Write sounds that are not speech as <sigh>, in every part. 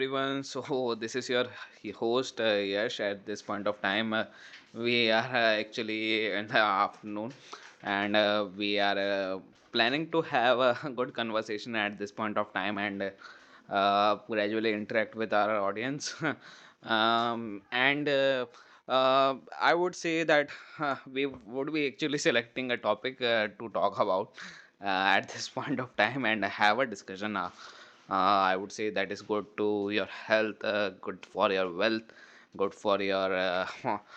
everyone. So, <laughs> this is your host, Yash. At this point of time, we are actually in the afternoon, and we are planning to have a <laughs> good conversation at this point of time. And gradually interact with our audience. <laughs> And uh, I would say that we would be actually selecting a topic to talk about uh, at this <laughs> point of time and have a discussion. Uh, I would say that is good to your health, good for your wealth, good for your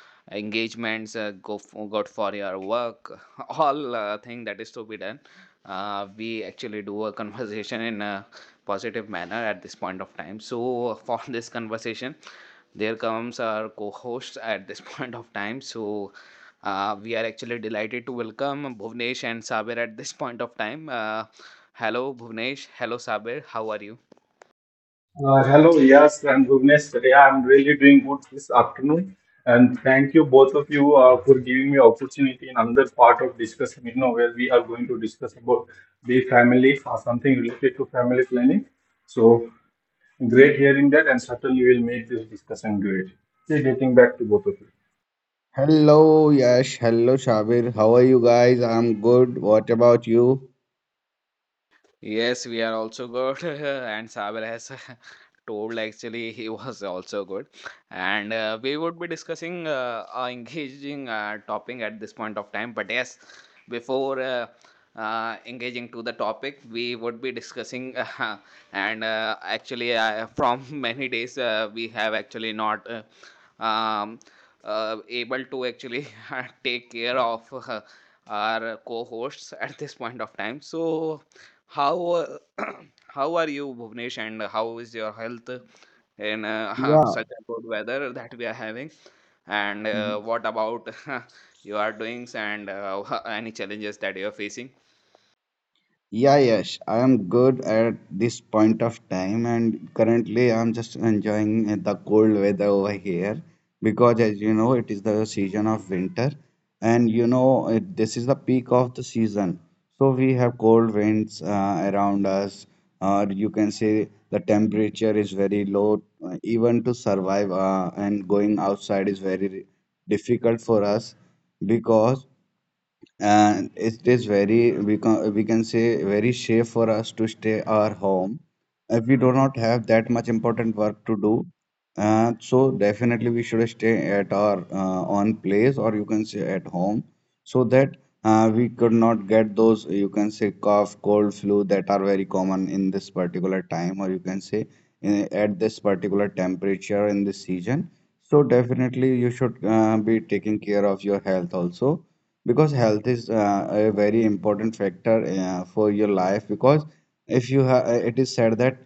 <laughs> engagements, good for your work, <laughs> all thing that is to be done. We actually do a <laughs> conversation in a positive manner at this point of time. So <laughs> for this conversation, there comes our co-host at this <laughs> point of time. So we are actually delighted to welcome Bhuvnesh and Sabir at this point of time. Hello, Bhuvnesh. Hello, Sabir. How are you? Hello, yes, and Bhuvnesh. Yeah, I'm really doing good this afternoon, and thank you both of you for giving me opportunity in another part of discussion, you know, where we are going to discuss about the family or something related to family planning. So great hearing that, and certainly will make this discussion great. So getting back to both of you. Hello, Yash. Hello, Shabir. How are you guys? I'm good. What about you? Yes, we are also good, <laughs> and Saber has <laughs> told actually he was also good, and we would be discussing a engaging topic at this point of time. But yes, before engaging to the topic, we would be discussing. <laughs> And actually, from <laughs> many days we have actually not um, able to actually <laughs> take care of our co-hosts at this point of time. So how <clears throat> how are you, Bhuvnesh, and how is your health in <laughs> Yeah. such a good weather that we are having? And what about <laughs> you are doing? And <laughs> any challenges that you are facing? Yeah, yes, I am good at this point of time, and currently I'm just enjoying the cold weather over here because, as you know, it is the season of winter, and this is the peak of the season. So we have cold winds around us, or you can say the temperature is very low, even to survive, and going outside is very difficult for us, because and it is very, we can say, very safe for us to stay our home if we do not have that much important work to do, so definitely we should stay at our own place, or you can say at home, so that we could not get those, you can say, cough, cold, flu, that are very common in this particular time, or you can say, at this particular temperature in this season. So definitely you should be taking care of your health also, because health is a very important factor for your life, because if you ha- it is said that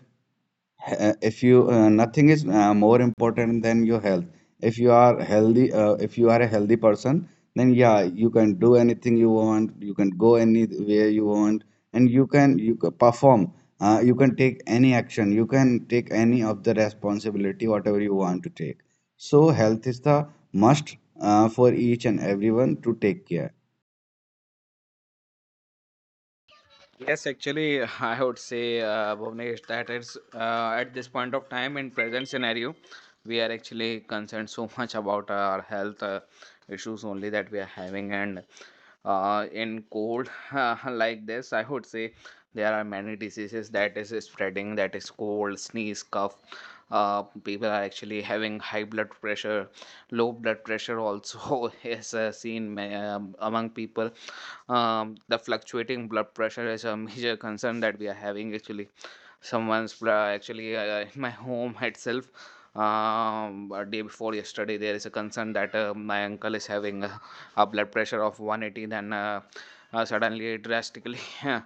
if you nothing is more important than your health. If you are healthy, if you are a healthy person, then yeah, you can do anything you want, you can go anywhere you want, and you can perform, you can take any action, you can take any of the responsibility whatever you want to take. So health is the must, for each and everyone to take care. Yes, actually, <laughs> I would say, Bhuvnesh, that it's at this point of time, in present scenario, we are actually concerned so much about our health issues only that we are having, and in cold <laughs> like this, I would say there are many diseases that is spreading, that is cold, sneeze, cough. People are actually having high blood pressure, low blood pressure also <laughs> is seen among people. The fluctuating blood pressure is a <laughs> major concern that we are having. Actually actually in my <laughs> home itself, a day before yesterday, there is a concern that my uncle is having a blood pressure of 180. Then suddenly it drastically <laughs>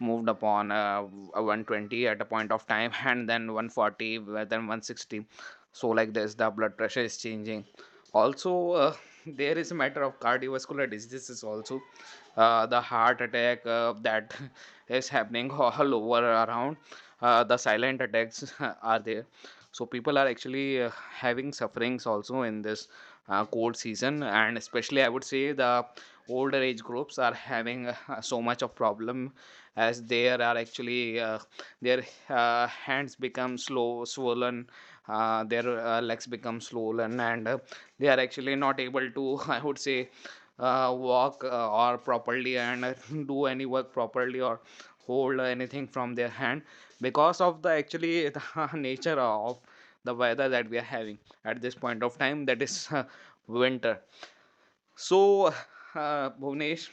moved upon 120 at a point of time, and then 140, then 160. So like this, the blood pressure is changing. Also there is a matter of cardiovascular diseases also. The heart attack that <laughs> is happening all over around, the silent attacks <laughs> are there, so people are actually having sufferings also in this cold season. And especially, I would say, the older age groups are having so much of problem, as there are actually their hands become slow swollen, their legs become swollen, and they are actually not able to <laughs> I would say walk or properly, and <laughs> do any work properly or hold anything from their hand, because of the actually <laughs> the nature of the weather that we are having at this point of time, that is <laughs> winter. So Bhuvnesh,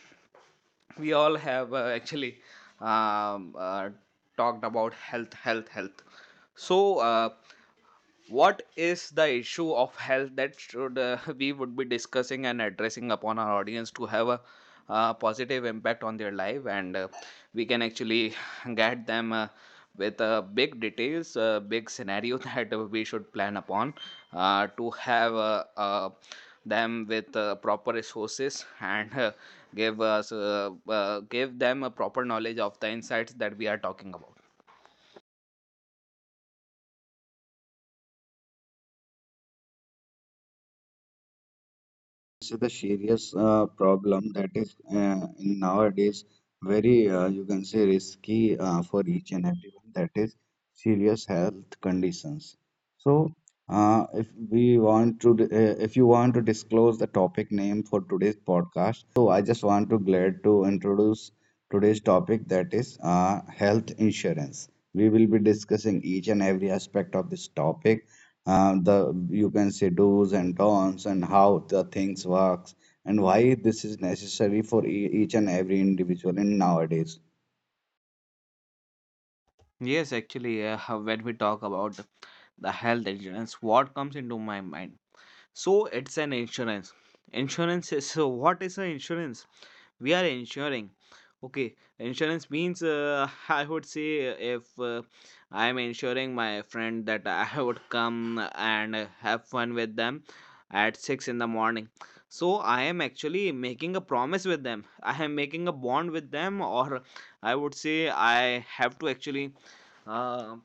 we all have actually um, uh, talked about health, health, health. So what is the issue of health that should <laughs> we would be discussing and addressing upon our audience to have a positive impact on their life, and we can actually <laughs> guide them with big details, big scenario, <laughs> that we should plan upon to have them with proper resources, and give them a proper knowledge of the insights that we are talking about? This is the serious problem that is, in nowadays, very you can say risky for each and everyone. That is serious health conditions. So if we want to, if you want to disclose the topic name for today's podcast, I just want to glad to introduce today's topic, that is health insurance. We will be discussing each and every aspect of this topic, the, you can say, do's and don'ts, and how the things works, and why this is necessary for each and every individual in nowadays. Yes, actually, <laughs> when we talk about the health insurance, what comes into my mind? So it's an insurance. Insurance is, so what is an insurance? We are ensuring. Okay, insurance means <laughs> I would say, if I am ensuring my friend that I <laughs> would come and have fun with them at 6 in the morning, so I am actually making a promise with them. <laughs> I am making a bond with them, or I would say I have to actually uh,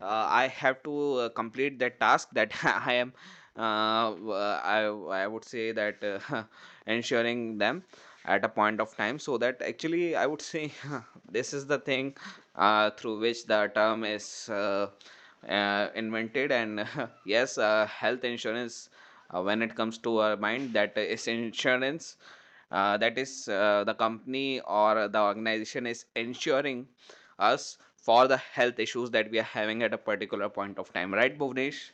I have to complete that task that <laughs> I am I would say that <laughs> ensuring them at a point of time. So that actually, I would say, <laughs> this is the thing through which the term is invented. And <laughs> yes, health insurance, when it comes to our mind, that is insurance, that is the company or the organization is ensuring us for the health issues that we are having at a particular point of time, right, Bhuvnesh?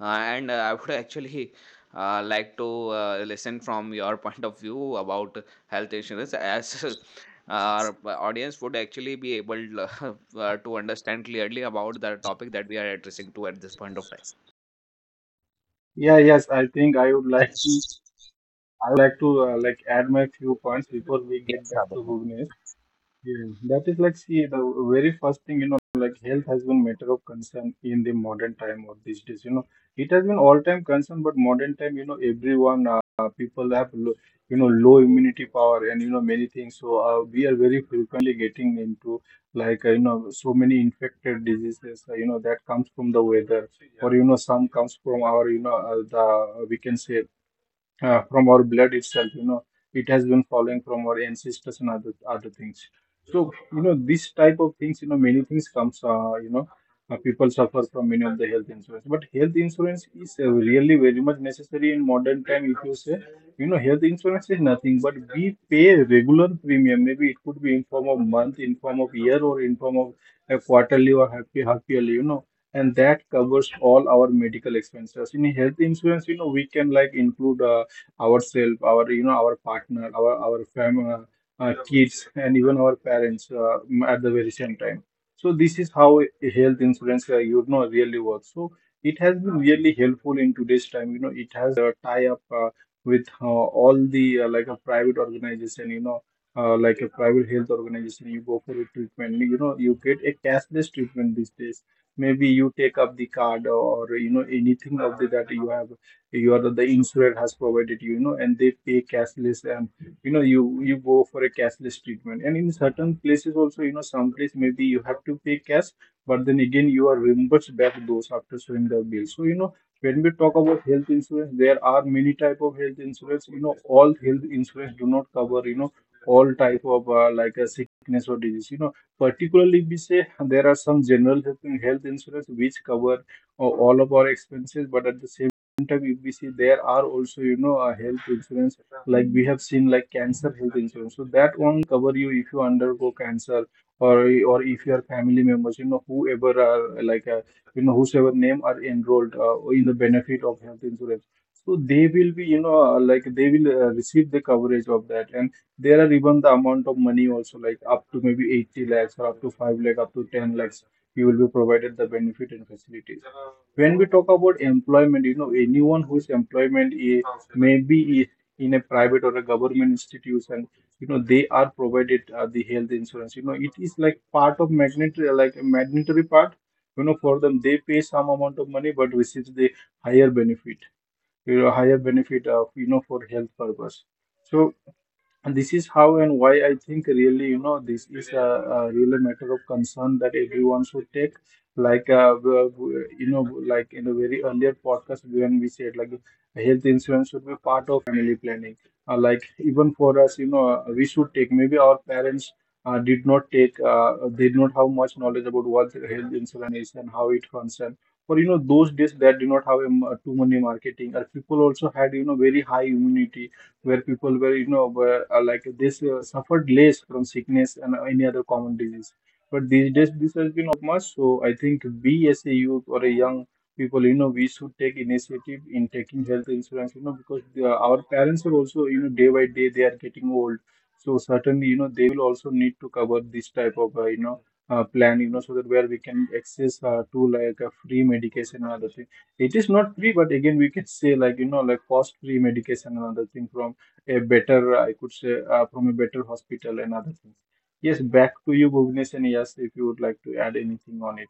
uh, and I would <laughs> actually like to listen from your <laughs> point of view about health insurance, as <laughs> our audience would actually be able <laughs> to understand clearly about the topic that we are addressing to at this point of time. Yeah, yes, I think I would like to. I like to like add my few points before we get Yes, back to Abhinav. Bhuvnesh. Yeah, that is like, see, the very first thing, you know, like health has been matter of concern in the modern time or these days. You know, it has been all time concern, but modern time, you know, everyone, people have, lo you know, low immunity power and, you know, many things. So we are very frequently getting into like, you know, so many infected diseases, you know, that comes from the weather or, you know, some comes from our, we can say from our blood itself, you know, it has been following from our ancestors and other things. So you know, this type of things, you know, many things comes, you know, people suffer from many of the health insurance. But health insurance is really very much necessary in modern time. If you say, you know, health insurance is nothing but we pay regular premium. Maybe it could be in form of month, in form of year, or in form of a quarterly or half yearly, you know, and that covers all our medical expenses. In health insurance, you know, we can like include ourselves, our our partner, our family, kids, and even our parents at the very same time. So this is how a health insurance you know really works. So it has been really helpful in today's time. You know, it has a tie up with all the like a private organization. You know. Like a private health organization, you go for a treatment. You know, you get a cashless treatment these days. Maybe you take up the card or you know anything of the that you have, your the insurer has provided you, you know, and they pay cashless, and you know, you go for a cashless treatment. And in certain places also, you know, some place maybe you have to pay cash, but then again you are reimbursed back those after showing the bill. So you know, when we talk about health insurance, there are many type of health insurance. You know, all health insurance do not cover, you know, all type of like a sickness or disease. You know, particularly we say there are some general health insurance which cover all of our expenses, but at the same time, if we see, there are also, you know, a health insurance like we have seen, like cancer health insurance. So that only cover you if you undergo cancer, or or if your family members, you know, whoever are like, you know, whosoever name are enrolled in the benefit of health insurance, so they will be, you know, like they will receive the coverage of that. And there are even the amount of money also, like up to maybe 80 lakhs or up to 5 lakh, up to 10 lakhs you will be provided the benefit and facilities. When we talk about employment, you know, anyone whose employment is maybe is in a private or a government institution, you know, they are provided the health insurance. You know, it is like part of magnetary, like a mandatory part. You know, for them, they pay some amount of money but receive the higher benefit, you know, higher benefit of you know for health purpose. So and this is how and why I think really, you know, this is a really matter of concern that everyone should take. Like, you know, like in a very earlier podcast when we said like health insurance should be part of family planning. Like even for us, you know, we should take. Maybe our parents did not take, they did not have much knowledge about what health insurance is and how it functions. Or you know, those days that did not have too many marketing. People also had you know very high immunity where people were, you know, were, like this suffered less from sickness and any other common disease. But these days, this has been much. So I think we as a youth or a young people, you know, we should take initiative in taking health insurance, you know, because the, our parents are also, you know, day by day they are getting old. So certainly, you know, they will also need to cover this type of, you know, plan, you know, so that where we can access to like a free medication and other thing. It is not free, but again we can say like, you know, like cost free medication and other thing from a better, I could say from a better hospital and other things. Yes, back to you, Bhuvnesh, and yes, if you would like to add anything on it.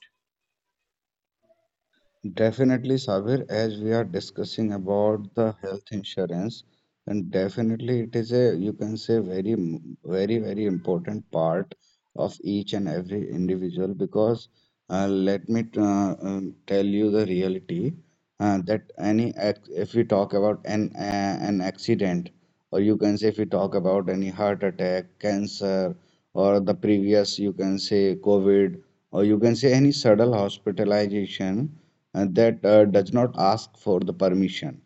Definitely, Sabir, as we are discussing about the health insurance, and definitely it is a, you can say, very, very, very important part of each and every individual, because let me tell you the reality that any, if we talk about an accident, or you can say if we talk about any heart attack, cancer, or the previous, you can say, COVID, or you can say any sudden hospitalization that does not ask for the permission.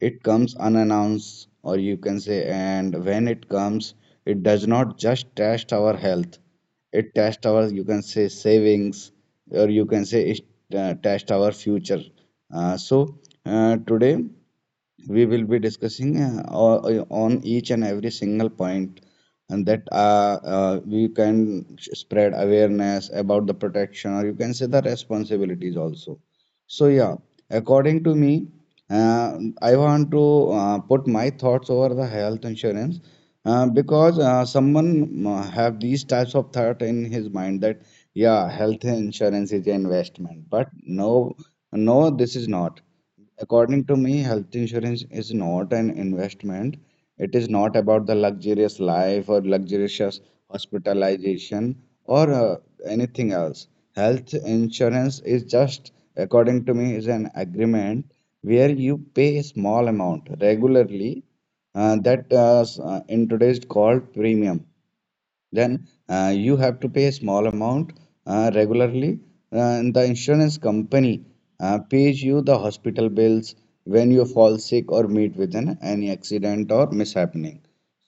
It comes unannounced, or you can say, and when it comes, it does not just test our health. It tests our, you can say, savings, or you can say, it tests our future. So today we will be discussing on each and every single point, and that we can spread awareness about the protection, or you can say the responsibilities also. So yeah, according to me, I want to put my thoughts over the health insurance, because someone have these types of thought in his mind, that yeah, health insurance is an investment, but no, this is not. According to me, health insurance is not an investment. It is not about the luxurious life or luxurious hospitalization or anything else. Health insurance is just, according to me, is an agreement where you pay a small amount regularly, that in today's called premium, then you have to pay a small amount regularly. And the insurance company pays you the hospital bills when you fall sick or meet with an any accident or mishappening.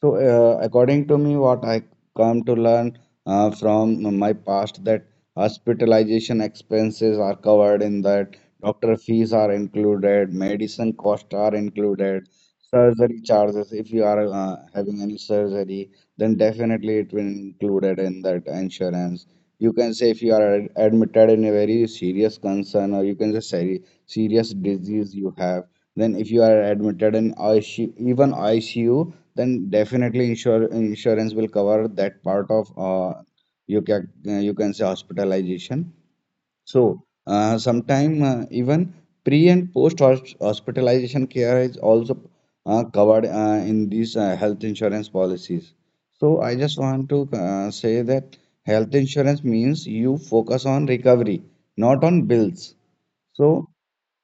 So, according to me, what I come to learn from my past, that hospitalization expenses are covered, in that doctor fees are included, medicine costs are included. Surgery charges, if you are having any surgery, then definitely it will included in that insurance. You can say if you are admitted in a very serious concern, or you can just say serious disease you have, then if you are admitted in ICU, even ICU, then definitely insure insurance will cover that part of you can you can say hospitalization. So, sometime even pre and post hospitalization care is also covered in these health insurance policies. So, I just want to say that health insurance means you focus on recovery, not on bills. So,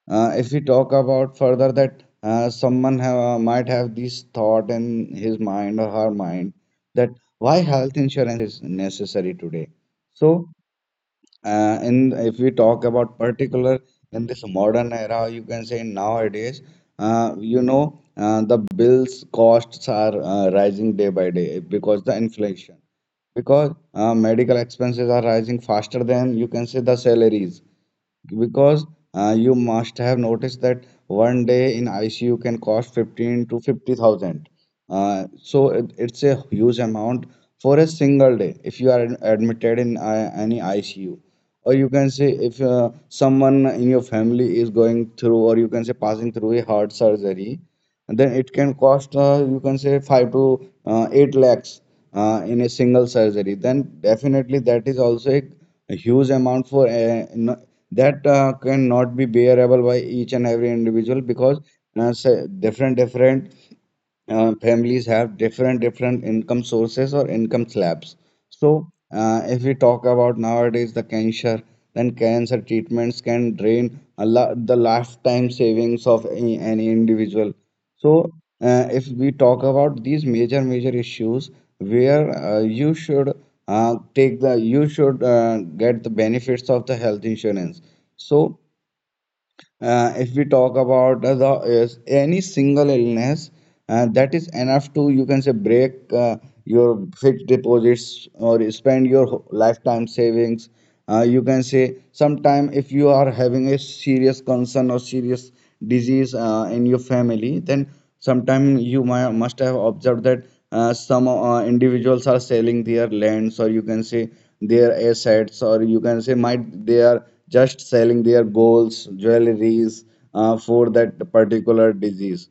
if we talk about further, that someone have, might have this thought in his mind or her mind, that why health insurance is necessary today. So, and if we talk about particular in this modern era, you can say nowadays, the bills costs are rising day by day because the inflation, because medical expenses are rising faster than, you can say, the salaries. Because you must have noticed that one day in ICU can cost 15 to 50,000. So it's a huge amount for a single day if you are admitted in any ICU. Or you can say if someone in your family is going through, or you can say passing through a heart surgery, and then it can cost, you can say, 5 to 8 lakhs in a single surgery, then definitely that is also a, huge amount for, no, that cannot be bearable by each and every individual, because say, different different families have different different income sources or income slabs. So if we talk about nowadays the cancer, then cancer treatments can drain the lifetime savings of any, individual. So if we talk about these major major issues, where you should take the, you should get the benefits of the health insurance. So if we talk about the, is any single illness that is enough to, you can say, break your fixed deposits, or spend your lifetime savings. You can say sometime, if you are having a serious concern or serious disease in your family, then sometime you might, must have observed that some individuals are selling their lands, or you can say their assets, or you can say might they are just selling their golds, jewelries, for that particular disease.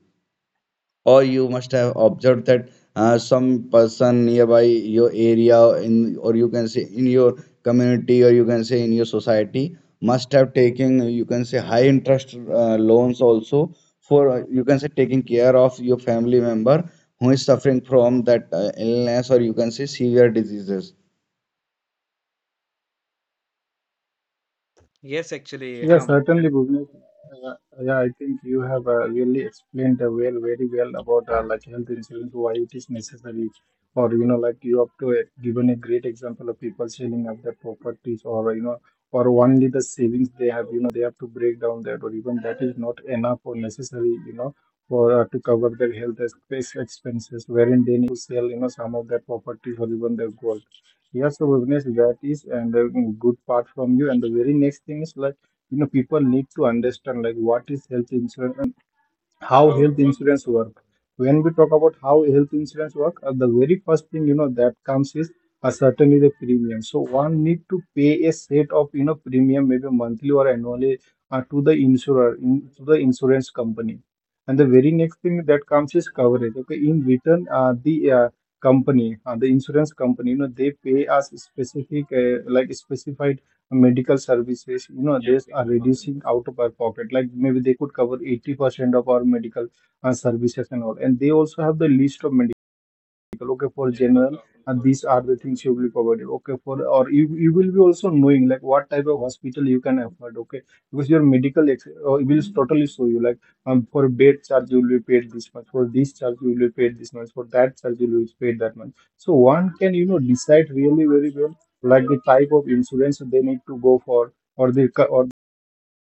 Or you must have observed that some person nearby your area in, or you can say in your community, or you can say in your society, must have taken, you can say, high interest loans also, for you can say taking care of your family member who is suffering from that illness, or you can say, severe diseases. Yes, actually, Yeah, certainly, Bhuvnesh. Uh, yeah, I think you have really explained well, very well about like health insurance, why it is necessary, or you know, like you have to given a great example of people selling up their properties, or you know, or only the savings they have, you know, they have to break down that, or even that is not enough or necessary, you know, for to cover their health expenses, wherein they need to sell, you know, some of their properties or even their gold. Yes, so Bhuvnesh, that is and a good part from you. And the very next thing is like you know people need to understand like what is health insurance and how health insurance work. When we talk about how health insurance work, the very first thing, you know, that comes is certainly the premium. So one need to pay a set of you know premium, maybe monthly or annually, to the insurer in, to the insurance company. And the very next thing that comes is coverage. Okay, in return, the company, the insurance company, you know, they pay us specific like specified medical services, you know. Yeah, they are medical reducing services out of our pocket. Like maybe they could cover 80% of our medical services and all, and they also have the list of medical. Okay, for general and these are the things you will be provided. Okay, for or you will be also knowing like what type of hospital you can afford. Okay, because your medical will totally show you like, for bed charge you will be paid this much, for this charge you will be paid this much, for that charge you will be paid that much. So one can, you know, decide really very well like the type of insurance they need to go for, or their or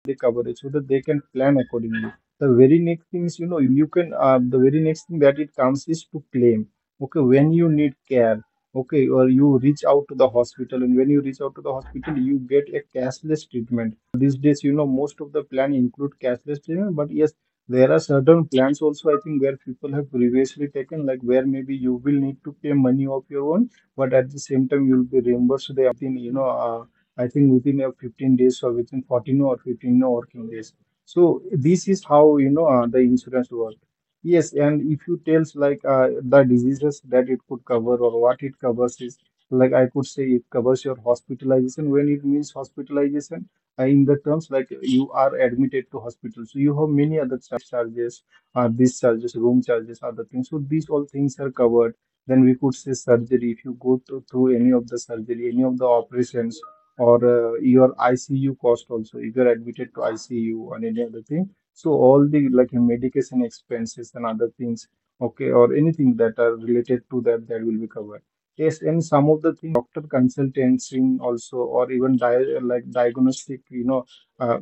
their coverage, so that they can plan accordingly. The very next thing is you know you can the very next thing that it comes is to claim. Okay, when you need care, okay, or you reach out to the hospital, and when you reach out to the hospital, you get a cashless treatment. These days, you know, most of the plan include cashless treatment. But yes, there are certain plans also I think where people have previously taken, like where maybe you will need to pay money of your own, but at the same time you'll be reimbursed the within you know I think within a 15 days or within 14 or 15 no working days. So this is how you know the insurance work. Yes, and if you tells like the diseases that it could cover or what it covers is like, I could say it covers your hospitalization. When it means hospitalization, in the terms like you are admitted to hospital. So you have many other charges, these charges, room charges, other things. So these all things are covered. Then we could say surgery, if you go through any of the surgery, any of the operations, or your ICU cost also, if you're admitted to ICU or any other thing. So all the like medication expenses and other things, okay, or anything that are related to that will be covered. Yes, and some of the thing, doctor consultation also, or even like diagnostic uh,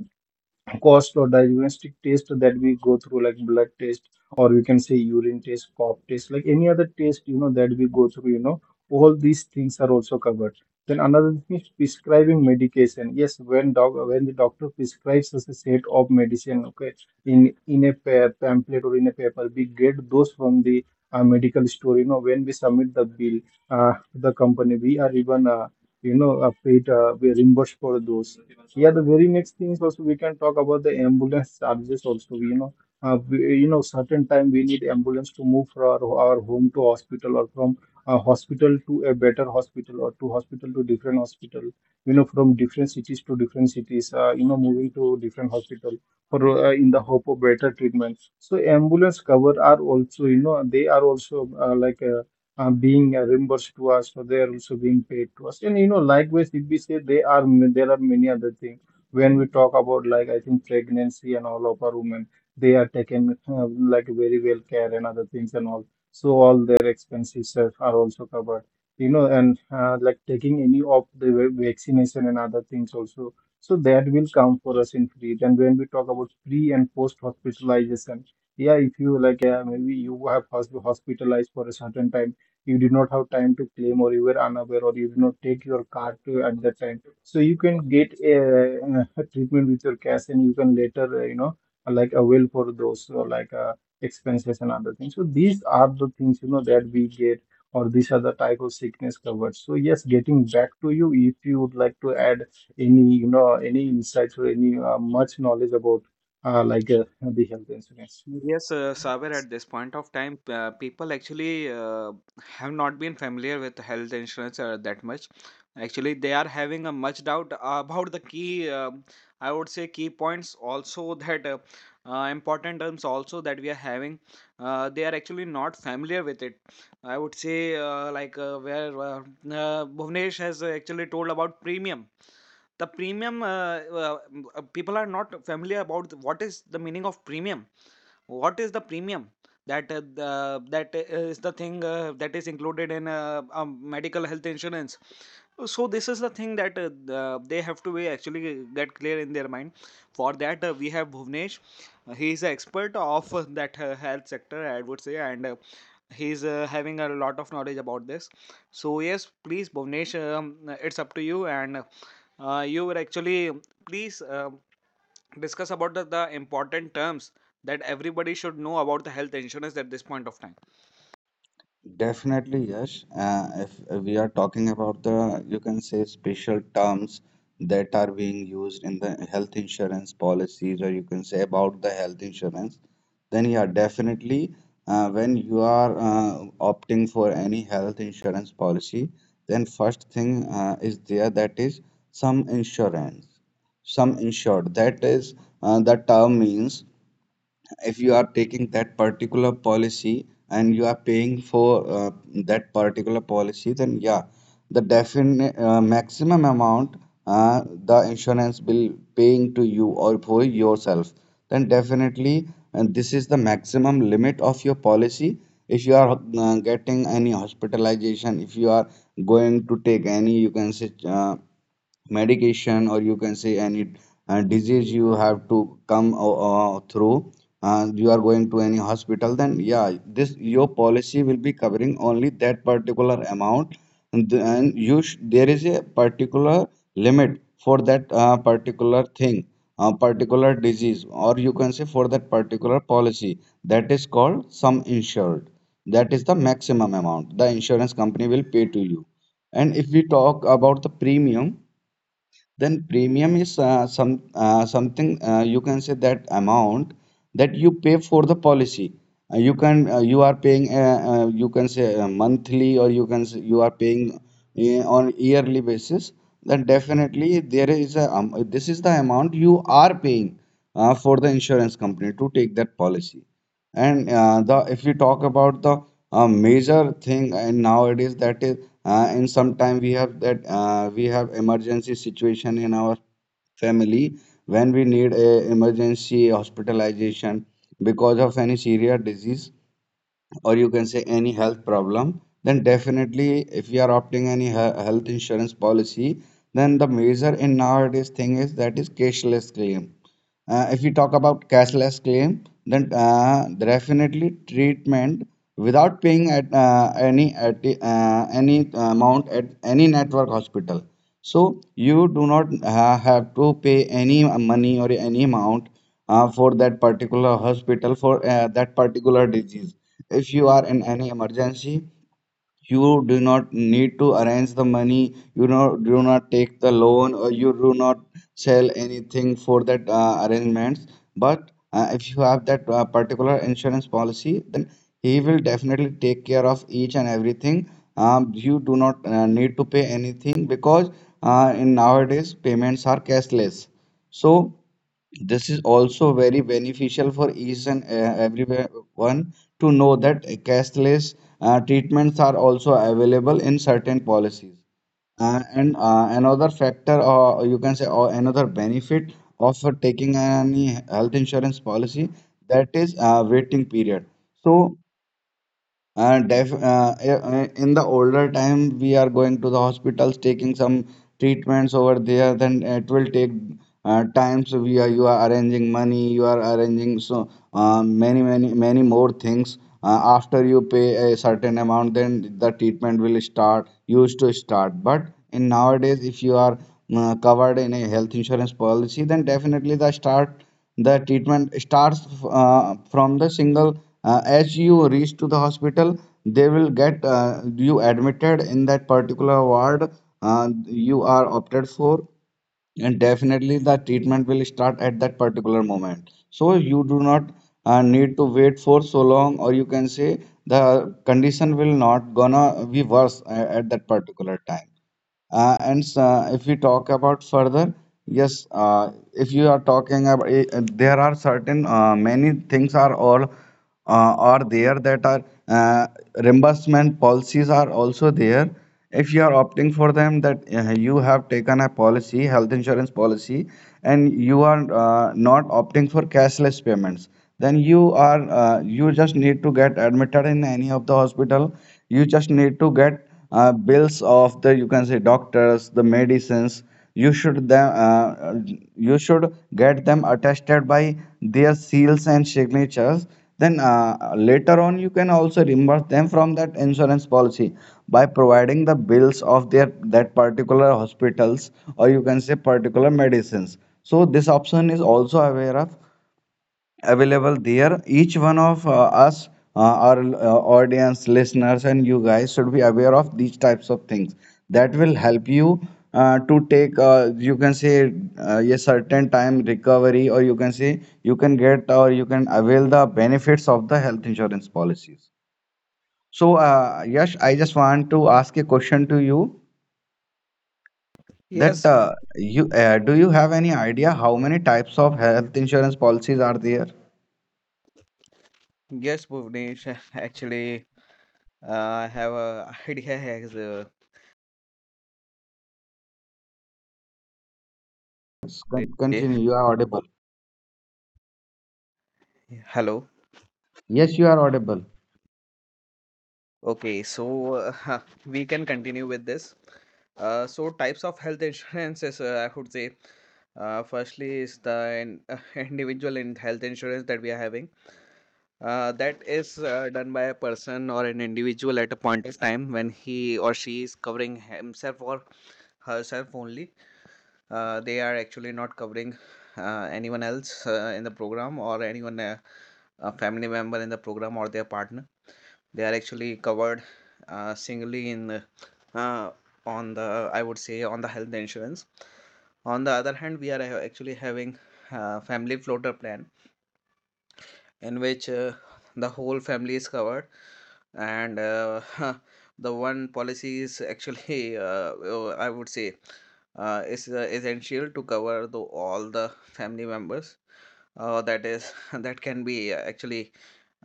cost, or diagnostic test that we go through, like blood test, or we can say urine test, pop test, like any other test that we go through, you know All these things are also covered. Then another thing is prescribing medication. Yes, when doc when the doctor prescribes us a set of medicine, okay, in a pamphlet or in a paper, we get those from the medical store. When we submit the bill, the company we are even paid, we reimbursed for those. Yeah, the very next things also we can talk about the ambulance charges also. Certain time we need ambulance to move from our home to hospital, or from a hospital to a better hospital, or to hospital to different hospital. You know, from different cities to different cities. Moving to different hospital for in the hope of better treatment. So ambulance cover are also, they are also being reimbursed to us, so they are also being paid to us. And likewise, if we say, they are, there are many other things. When we talk about, like, I think pregnancy and all, of our women, they are taken like very well care and other things and all. So all their expenses are also covered. You know, and Like taking any of the vaccination and other things also, so that will come for us in free. And when we talk about pre and post hospitalization, yeah, if you like, maybe you have hospitalized for a certain time, you did not have time to claim, or you were unaware, or you did not take your card to, at that time, so you can get a <laughs> a treatment with your cash, and you can later like avail for those expenses and other things. So these are the things, that we get, or these are the type of sickness covered. So yes, getting back to you, if you would like to add any any insights or any much knowledge about like the health insurance. yes, Saber, at this point of time, people actually have not been familiar with health insurance that much. Actually, they are having a much doubt about the key, I would say, key points also, <laughs> that important terms also that we are having. They are actually not familiar with it. I would say, like where Bhuvnesh has actually told about premium. People are not familiar about what is the meaning of premium, what is the premium? That that is the thing that is included in a medical health insurance. So this is the thing that they have to be actually get clear in their mind. For that we have Bhuvnesh. He is an expert of that health sector, I would say, and he is having a lot of knowledge about this. So yes, please, Bhuvnesh, it's up to you, and you were actually. Please discuss about the important terms that everybody should know about the health insurance at this point of time. Definitely, yes. If we are talking about the, you can say, special terms that are being used in the health insurance policies, or you can say about the health insurance, then yeah, definitely, when you are opting for any health insurance policy, then first thing is there, that is some insurance, some insured. That is the term means, if you are taking that particular policy and you are paying for that particular policy, then yeah, the definite maximum amount the insurance will paying to you or for yourself, then definitely, and this is the maximum limit of your policy. If you are getting any hospitalization, if you are going to take any, you can say. Medication, or you can say any disease you have to come through, and you are going to any hospital, then yeah, this your policy will be covering only that particular amount. And, th- and you sh- There is a particular limit for that particular thing, a particular disease, or you can say for that particular policy, that is called sum insured. That is the maximum amount the insurance company will pay to you. And if we talk about the premium, then premium is some something, you can say that amount that you pay for the policy. You can you are paying you can say monthly, or you can say you are paying on yearly basis. Then definitely there is a this is the amount you are paying for the insurance company to take that policy. And the if we talk about the major thing, and nowadays that is in some time we have that we have emergency situation in our family when we need a emergency hospitalization because of any serious disease, or you can say any health problem, then definitely if we are opting any health insurance policy, then the major in nowadays thing is that is cashless claim. If we talk about cashless claim, then definitely treatment without paying at any at the, any amount at any network hospital. So you do not have to pay any money or any amount for that particular hospital for that particular disease. If you are in any emergency, you do not need to arrange the money, you know, do not take the loan, or you do not sell anything for that arrangements. But if you have that particular insurance policy, then he will definitely take care of each and everything. You do not need to pay anything, because in nowadays payments are cashless, so this is also very beneficial for each and everyone to know that cashless treatments are also available in certain policies. And Another factor, or you can say, or another benefit of taking any health insurance policy, that is waiting period. So def in the older time, we are going to the hospitals, taking some treatments over there. Then it will take time. So we are, you are arranging money, you are arranging so many more things. After you pay a certain amount, then the treatment will start, used to start. But in nowadays, if you are covered in a health insurance policy, then definitely the start. The treatment starts from the single. As you reach to the hospital, they will get you admitted in that particular ward you are opted for, and definitely the treatment will start at that particular moment. So you do not need to wait for so long, or you can say the condition will not gonna be worse at that particular time. And If we talk about further, yes, if you are talking about, there are certain many things are all are there, that are uh, reimbursement policies are also there. If you are opting for them, that you have taken a policy, health insurance policy, and you are not opting for cashless payments, then you are you just need to get admitted in any of the hospital. You just need to get bills of the, you can say, doctors, the medicines, you should them you should get them attested by their seals and signatures. Then later on you can also reimburse them from that insurance policy by providing the bills of their that particular hospitals, or you can say particular medicines. So this option is also aware of available there. Each one of us, our audience, listeners, and you guys should be aware of these types of things. That will help you to take, you can say, a certain time recovery, or you can say, you can get or you can avail the benefits of the health insurance policies. So, Yash, I just want to ask a question to you, that Yes, you do you have any idea how many types of health insurance policies are there? yes, Bhuvnesh. <laughs> Actually, uh, I have a idea as Yes, yes. Eh, Continue. You are oh, audible. hello. Yes, you are audible. Okay, so uh, <laughs> we can continue with this. So types of health insurances, I would say. Firstly is the <laughs> individual in health insurance that we are having. That is done by a person or an individual at a point of time when he or she is covering himself or herself only. They are actually not covering anyone else in the program, or anyone, a family member in the program, or their partner. They are actually covered singly in uh, on the, I would say, on the health insurance. On the other hand, we are actually having family floater plan, in which the whole family is covered, and <laughs> the one policy is actually <laughs> I would say is essential to cover all the family members, that is, <laughs> that can be actually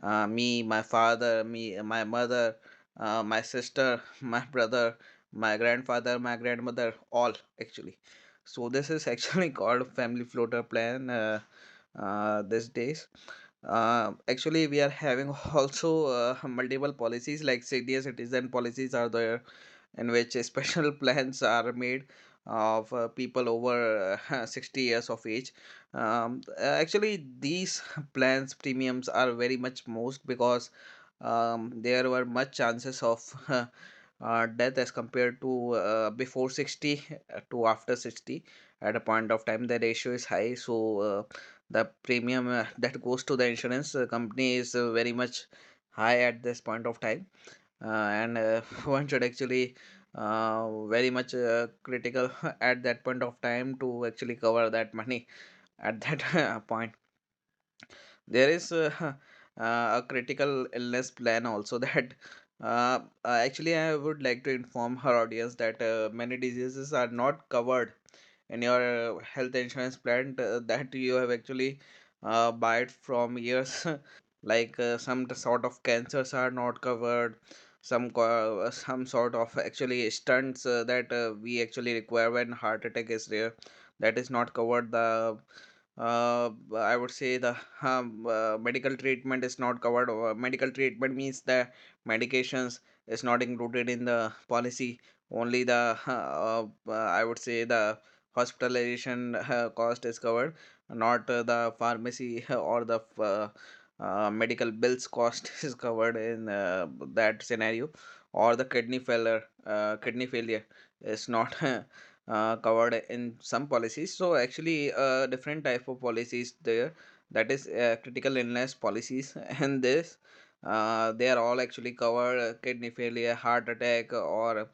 me, my father, me, my mother, my sister, <laughs> my brother, my grandfather, my grandmother, all. Actually, so this is actually <laughs> called family floater plan. These days, actually, we are having <laughs> also multiple policies, like senior citizen policies are there, in which special <laughs> plans are made of people over <laughs> 60 years of age. Actually, these <laughs> plans premiums are very much most, because there were much chances of <laughs> death as compared to before 60, to after 60, at a point of time. The ratio is high, so the premium that goes to the insurance company is very much high at this point of time. And <laughs> one should actually very much critical <laughs> at that point of time to actually cover that money at that <laughs> point. There is <laughs> uh, a critical illness plan also, <laughs> that uh, uh, actually, I would like to inform her audience that many diseases are not covered in your health insurance plan that you have actually buy it from years, <laughs> like some sort of cancers are not covered, some sort of actually stunts that we actually require when heart attack is There that is not covered. The uh, I would say the medical treatment is not covered, or medical treatment means the medications is not included in the policy. Only the <laughs> I would say the hospitalization <laughs> cost is covered, not the pharmacy <laughs> or the medical bills cost <laughs> is covered in that scenario. Or the kidney failure is not <laughs> covered in some policies. So actually different type of policies there, that is critical illness policies, <laughs> and this they are all actually covered, kidney failure, heart attack or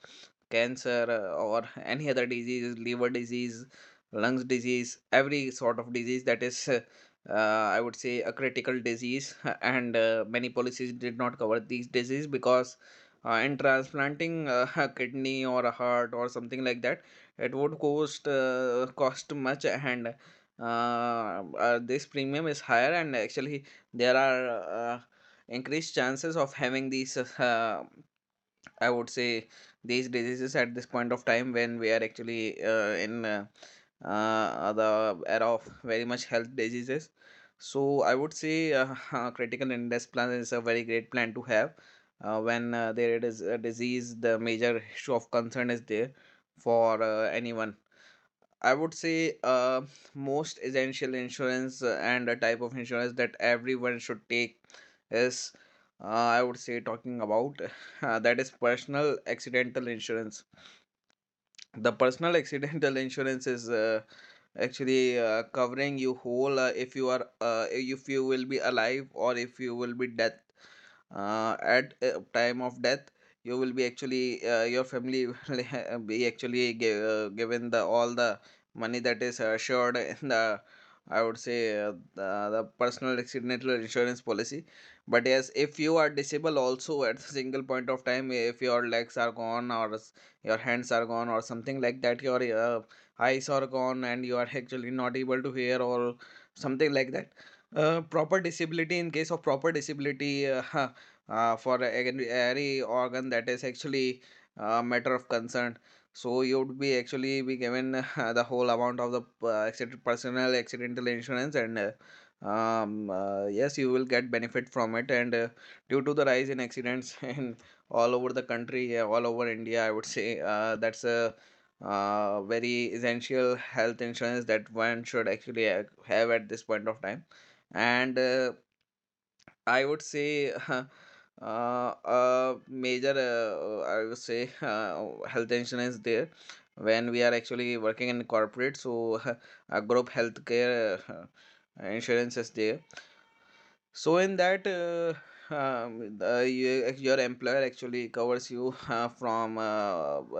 cancer, or any other disease, liver disease, lungs disease, every sort of disease that is, I would say, a critical disease. <laughs> And many policies did not cover these diseases, because in transplanting <laughs> a kidney or a heart or something like that, it would cost much, and this premium is higher, and actually there are increased chances of having these I would say these diseases at this point of time when we are actually in the era of very much health diseases. So I would say <laughs> critical illness plan is a very great plan to have. When there is a disease, the major issue of concern is there for anyone. I would say most essential insurance and a type of insurance that everyone should take is I would say, talking about <laughs> that is personal accidental insurance. The personal accidental insurance is actually covering you whole, if you are if you will be alive or if you will be death, at time of death you will be actually your family <laughs> will be actually given the all the money that is assured in the, I would say, the personal accidental insurance policy. But yes, if you are disabled also at a single point of time, if your legs are gone or your hands are gone or something like that, your uh, eyes are gone, and you are actually not able to hear or something like that, proper disability in case of proper disability <laughs> for every organ, that is actually a matter of concern, so you would be actually be given <laughs> the whole amount of the personal accidental insurance. And yes, you will get benefit from it, and due to the rise in accidents <laughs> in all over the country, yeah, all over India, I would say. That's a very essential health insurance that one should actually have at this point of time. And I would say <laughs> a major, I would say, <laughs> health insurance there when we are actually working in corporate. So <laughs> a group healthcare insurance is there, so in that, your employer actually covers you <laughs> from uh,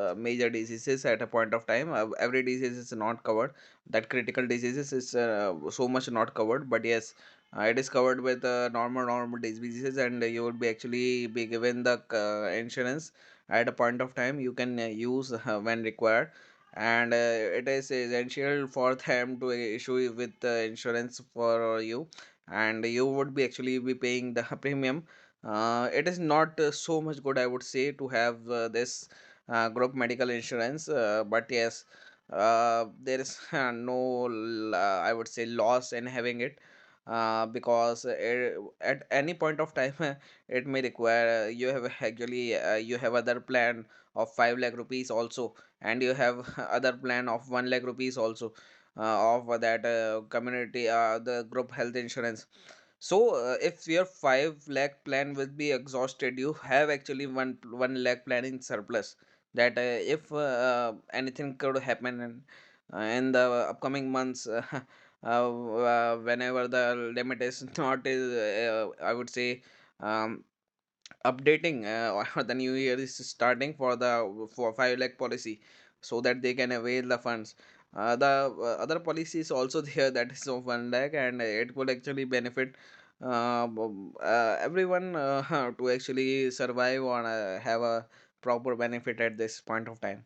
uh, major diseases at a point of time. Every disease is not covered. That critical diseases is so much not covered. But yes, it is covered with normal diseases, and you will be actually be given the insurance at a point of time. You can use when required. And it is essential for them to issue you with insurance for you, and you would be actually be paying the <laughs> premium. It is not so much good, I would say, to have this group medical insurance, but yes, there is <laughs> no, I would say, loss in having it. Because it at any point of time <laughs> it may require you have actually you have other plan of 5 lakh rupees also, and you have <laughs> other plan of 1 lakh rupees also, of that community, the group health insurance. So if your 5 lakh plan will be exhausted, you have actually one 1 lakh plan in surplus, that if anything could happen in the upcoming months, <laughs> whenever the limit is <laughs> not I would say um, updating, <laughs> or the new year is starting for the for 5 lakh policy, so that they can avail the funds, the other policy is also <laughs> there, that is of 1 lakh, and it will actually benefit everyone <laughs> to actually survive or have a proper benefit at this point of time.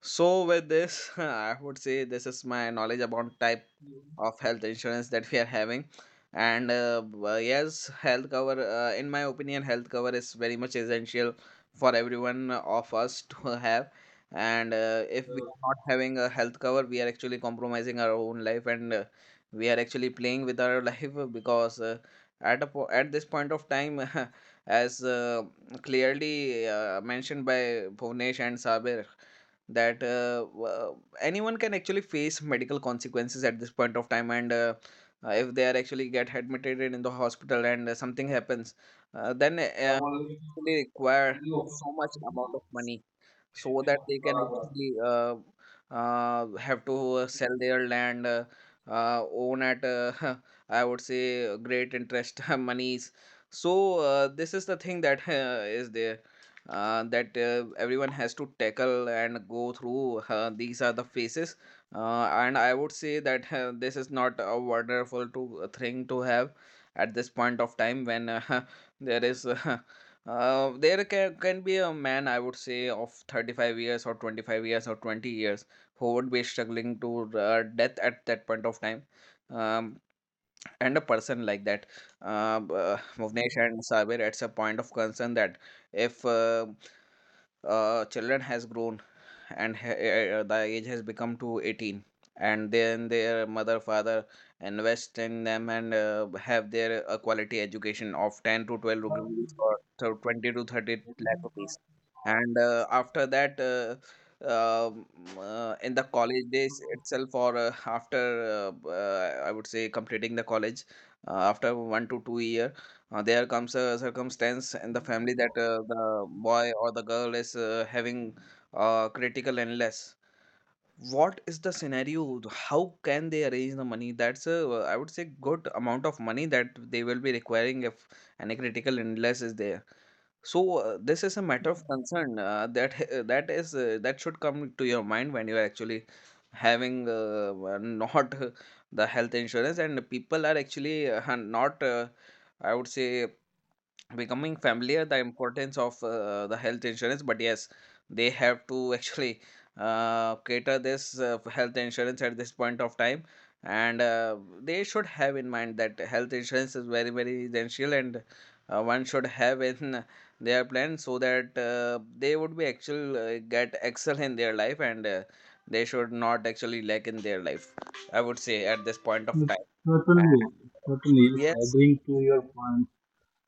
So with this, <laughs> I would say this is my knowledge about type of health insurance that we are having. And yes, health cover, in my opinion, health cover is very much essential for everyone of us <laughs> to have. And if we are not having a health cover, we are actually compromising our own life, and we are actually playing with our <laughs> life, because at this point of time, <laughs> as clearly mentioned by Bhuvnesh and Sabir, that, w anyone can actually face medical consequences at this point of time, and if they are actually get admitted in the hospital, and something happens, then they require so much amount of money, so that they can actually have to sell their land, own at <laughs> I would say great interest <laughs> monies. So this is the thing that <laughs> is there, that everyone has to tackle and go through. These are the phases, and I would say that this is not a wonderful to thing to have at this point of time, when <laughs> there is, <laughs> there can be a man, I would say, of 35 years or 25 years or 20 years, who would be struggling to death at that point of time. Um, and a person like that, Bhuvnesh and Sabir, it's a point of concern that if children has grown, and the age has become to 18, and then their mother father invest in them, and have their a quality education of 10 to 12 rupees, or so 20 to 30 lakh rupees, and after that um, in the college days itself, or after I would say completing the college, after 1 to 2 year, there comes a circumstance in the family that the boy or the girl is having critical, and what is the scenario? How can they arrange the money? That's a, I would say, good amount of money that they will be requiring if any critical illness is there. So this is a matter of concern, that <laughs> that should come to your mind when you are actually having not <laughs> the health insurance, and people are actually not, I would say, becoming familiar the importance of the health insurance. But yes, they have to <laughs> actually cater this health insurance at this point of time. And they should have in mind that health insurance is very very essential, and one should have in <laughs> their plan, so that they would be actual get excel in their life, and they should not actually lack in their life, I would say, at this point of time. Yes, Yes. agreeing to your point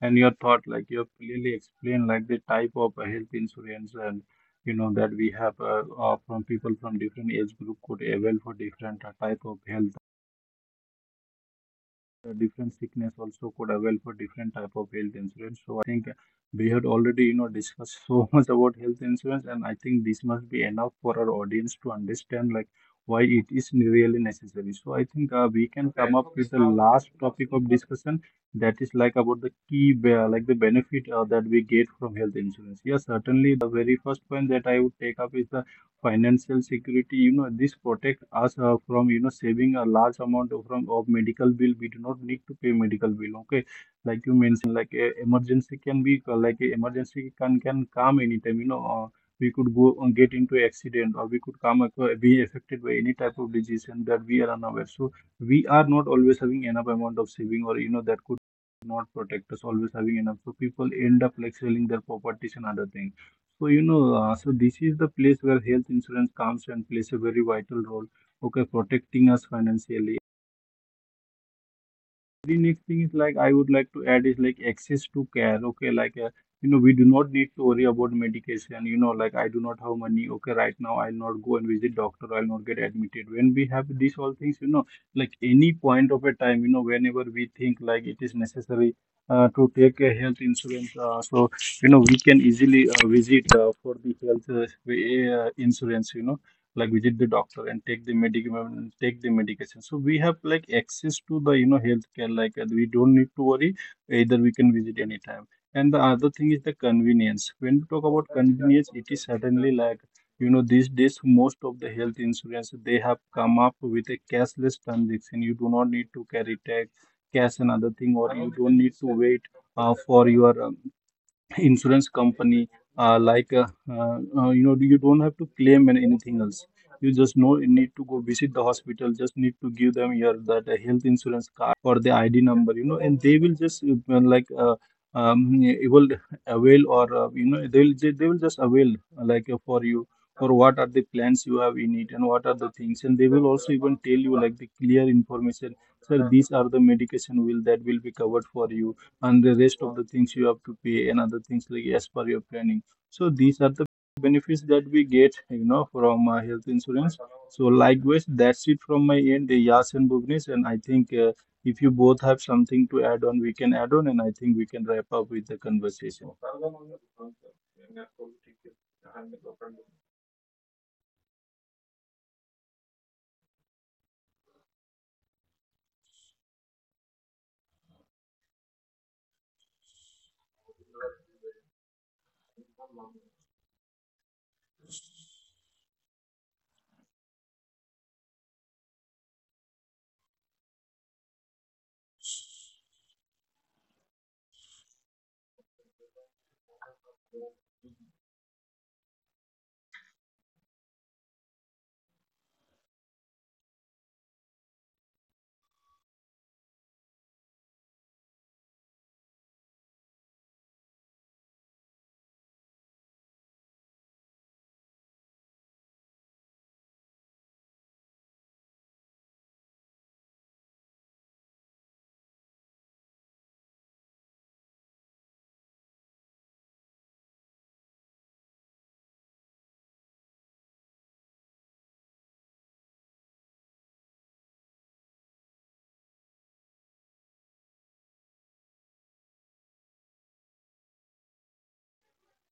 and your thought, like you have clearly explained, like the type of health insurance, and you know that we have from people from different age group could avail for different type of health, different sickness also could avail for different type of health insurance. So think we had already, you know, discussed so <laughs> much about health insurance, and I think this must be enough for our audience to understand like why it is really necessary. So I think we can come up with the last topic of discussion, that is like about the key, like the benefit that we get from health insurance. Yes, certainly the very first point that I would take up is the financial security. You know, this protects us from, you know, saving a large amount of, from of medical bill. We do not need to pay medical bill, okay, like you mentioned, like a emergency can be like a emergency can come anytime. We could go and get into accident, or we could come be affected by any type of disease, and that we are unaware. So we are not always having enough amount of saving, or you know that could not protect us always having enough. So people end up like selling their properties and other things. So, so this is the place where health insurance comes and plays a very vital role, okay, protecting us financially. The next thing is, like, I would like to add is like access to care. Okay, like, we do not need to worry about medication. You know, like, I do not have money. Okay, right now I'll not go and visit doctor, I'll not get admitted. When we have these all things, you know, like any point of a time, you know, whenever we think like it is necessary to take a health insurance, so you know we can easily visit for the health insurance. You know, like visit the doctor and take the medication. So we have like access to the, you know, healthcare, like we don't need to worry, either we can visit anytime. And the other thing is the convenience. When we talk about convenience, it is certainly, like, you know, these days most of the health insurance, they have come up with a cashless transaction. You do not need to carry tag cash and other thing, or you don't need to wait for your insurance company, you know, you don't have to claim anything else. You just know, you need to go visit the hospital, just need to give them your that health insurance or the ID number, you know, and they will just like uh, it will avail, or you know, they will just avail for you, or what are the plans you have in it and what are the things. And they will also even tell you like the clear information, sir, these are the medication will that will be covered for you, and the rest of the things you have to pay and other things, like as per your planning. So these are the benefits that we get, you know, from health insurance. So likewise, that's it from my end, Yas and Bhuvnesh, and I think if you both have something to add on, we can add on, and I think we can wrap up with the conversation.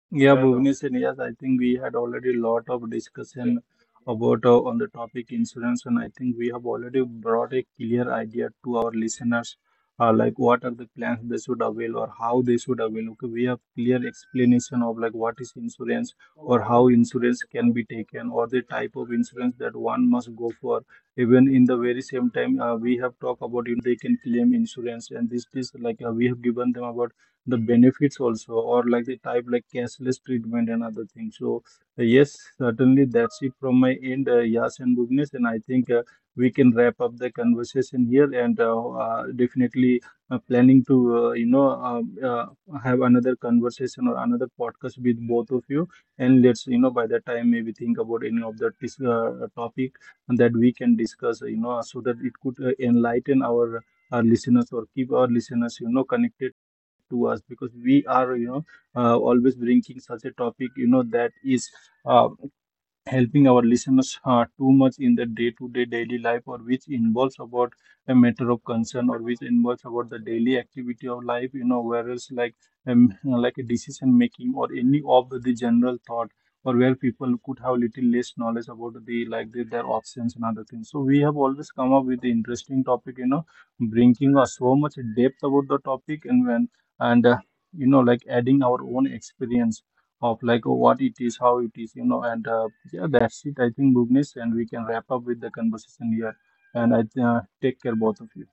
Yeah, Bhuvnesh, and yes, I think we had already a lot of discussion about on the topic insurance, and I think we have already brought a clear idea to our listeners, like what are the plans they should avail or how they should avail. Okay, we have clear explanation of like what is insurance, or how insurance can be taken, or the type of insurance that one must go for. Even in the very same time, we have talked about you they can claim insurance, and this is like we have given them about the benefits also, or like the type, like cashless treatment and other things. So yes, certainly that's it from my end, Yas and Bhuvnesh, and I think we can wrap up the conversation here. And definitely planning to uh, you know um, uh, have another conversation or another podcast with both of you. And let's, you know, by that time maybe think about any of the topic that we can discuss, you know, so that it could enlighten our listeners, or keep our listeners, you know, connected to us. Because we are, you know, always bringing such a topic, you know, that is uh, helping our listeners too much in the day-to-day daily life, or which involves about a matter of concern, or which involves about the daily activity of life, you know, whereas like a decision making or any of the general thought, or where people could have little less knowledge about the like their options and other things. So we have always come up with the interesting topic, you know, bringing us so much depth about the topic. And when, and you know, like adding our own experience of like what it is, how it is, you know. And yeah, that's it, I think, Bhuvnesh, and we can wrap up with the conversation here. And I, take care, both of you.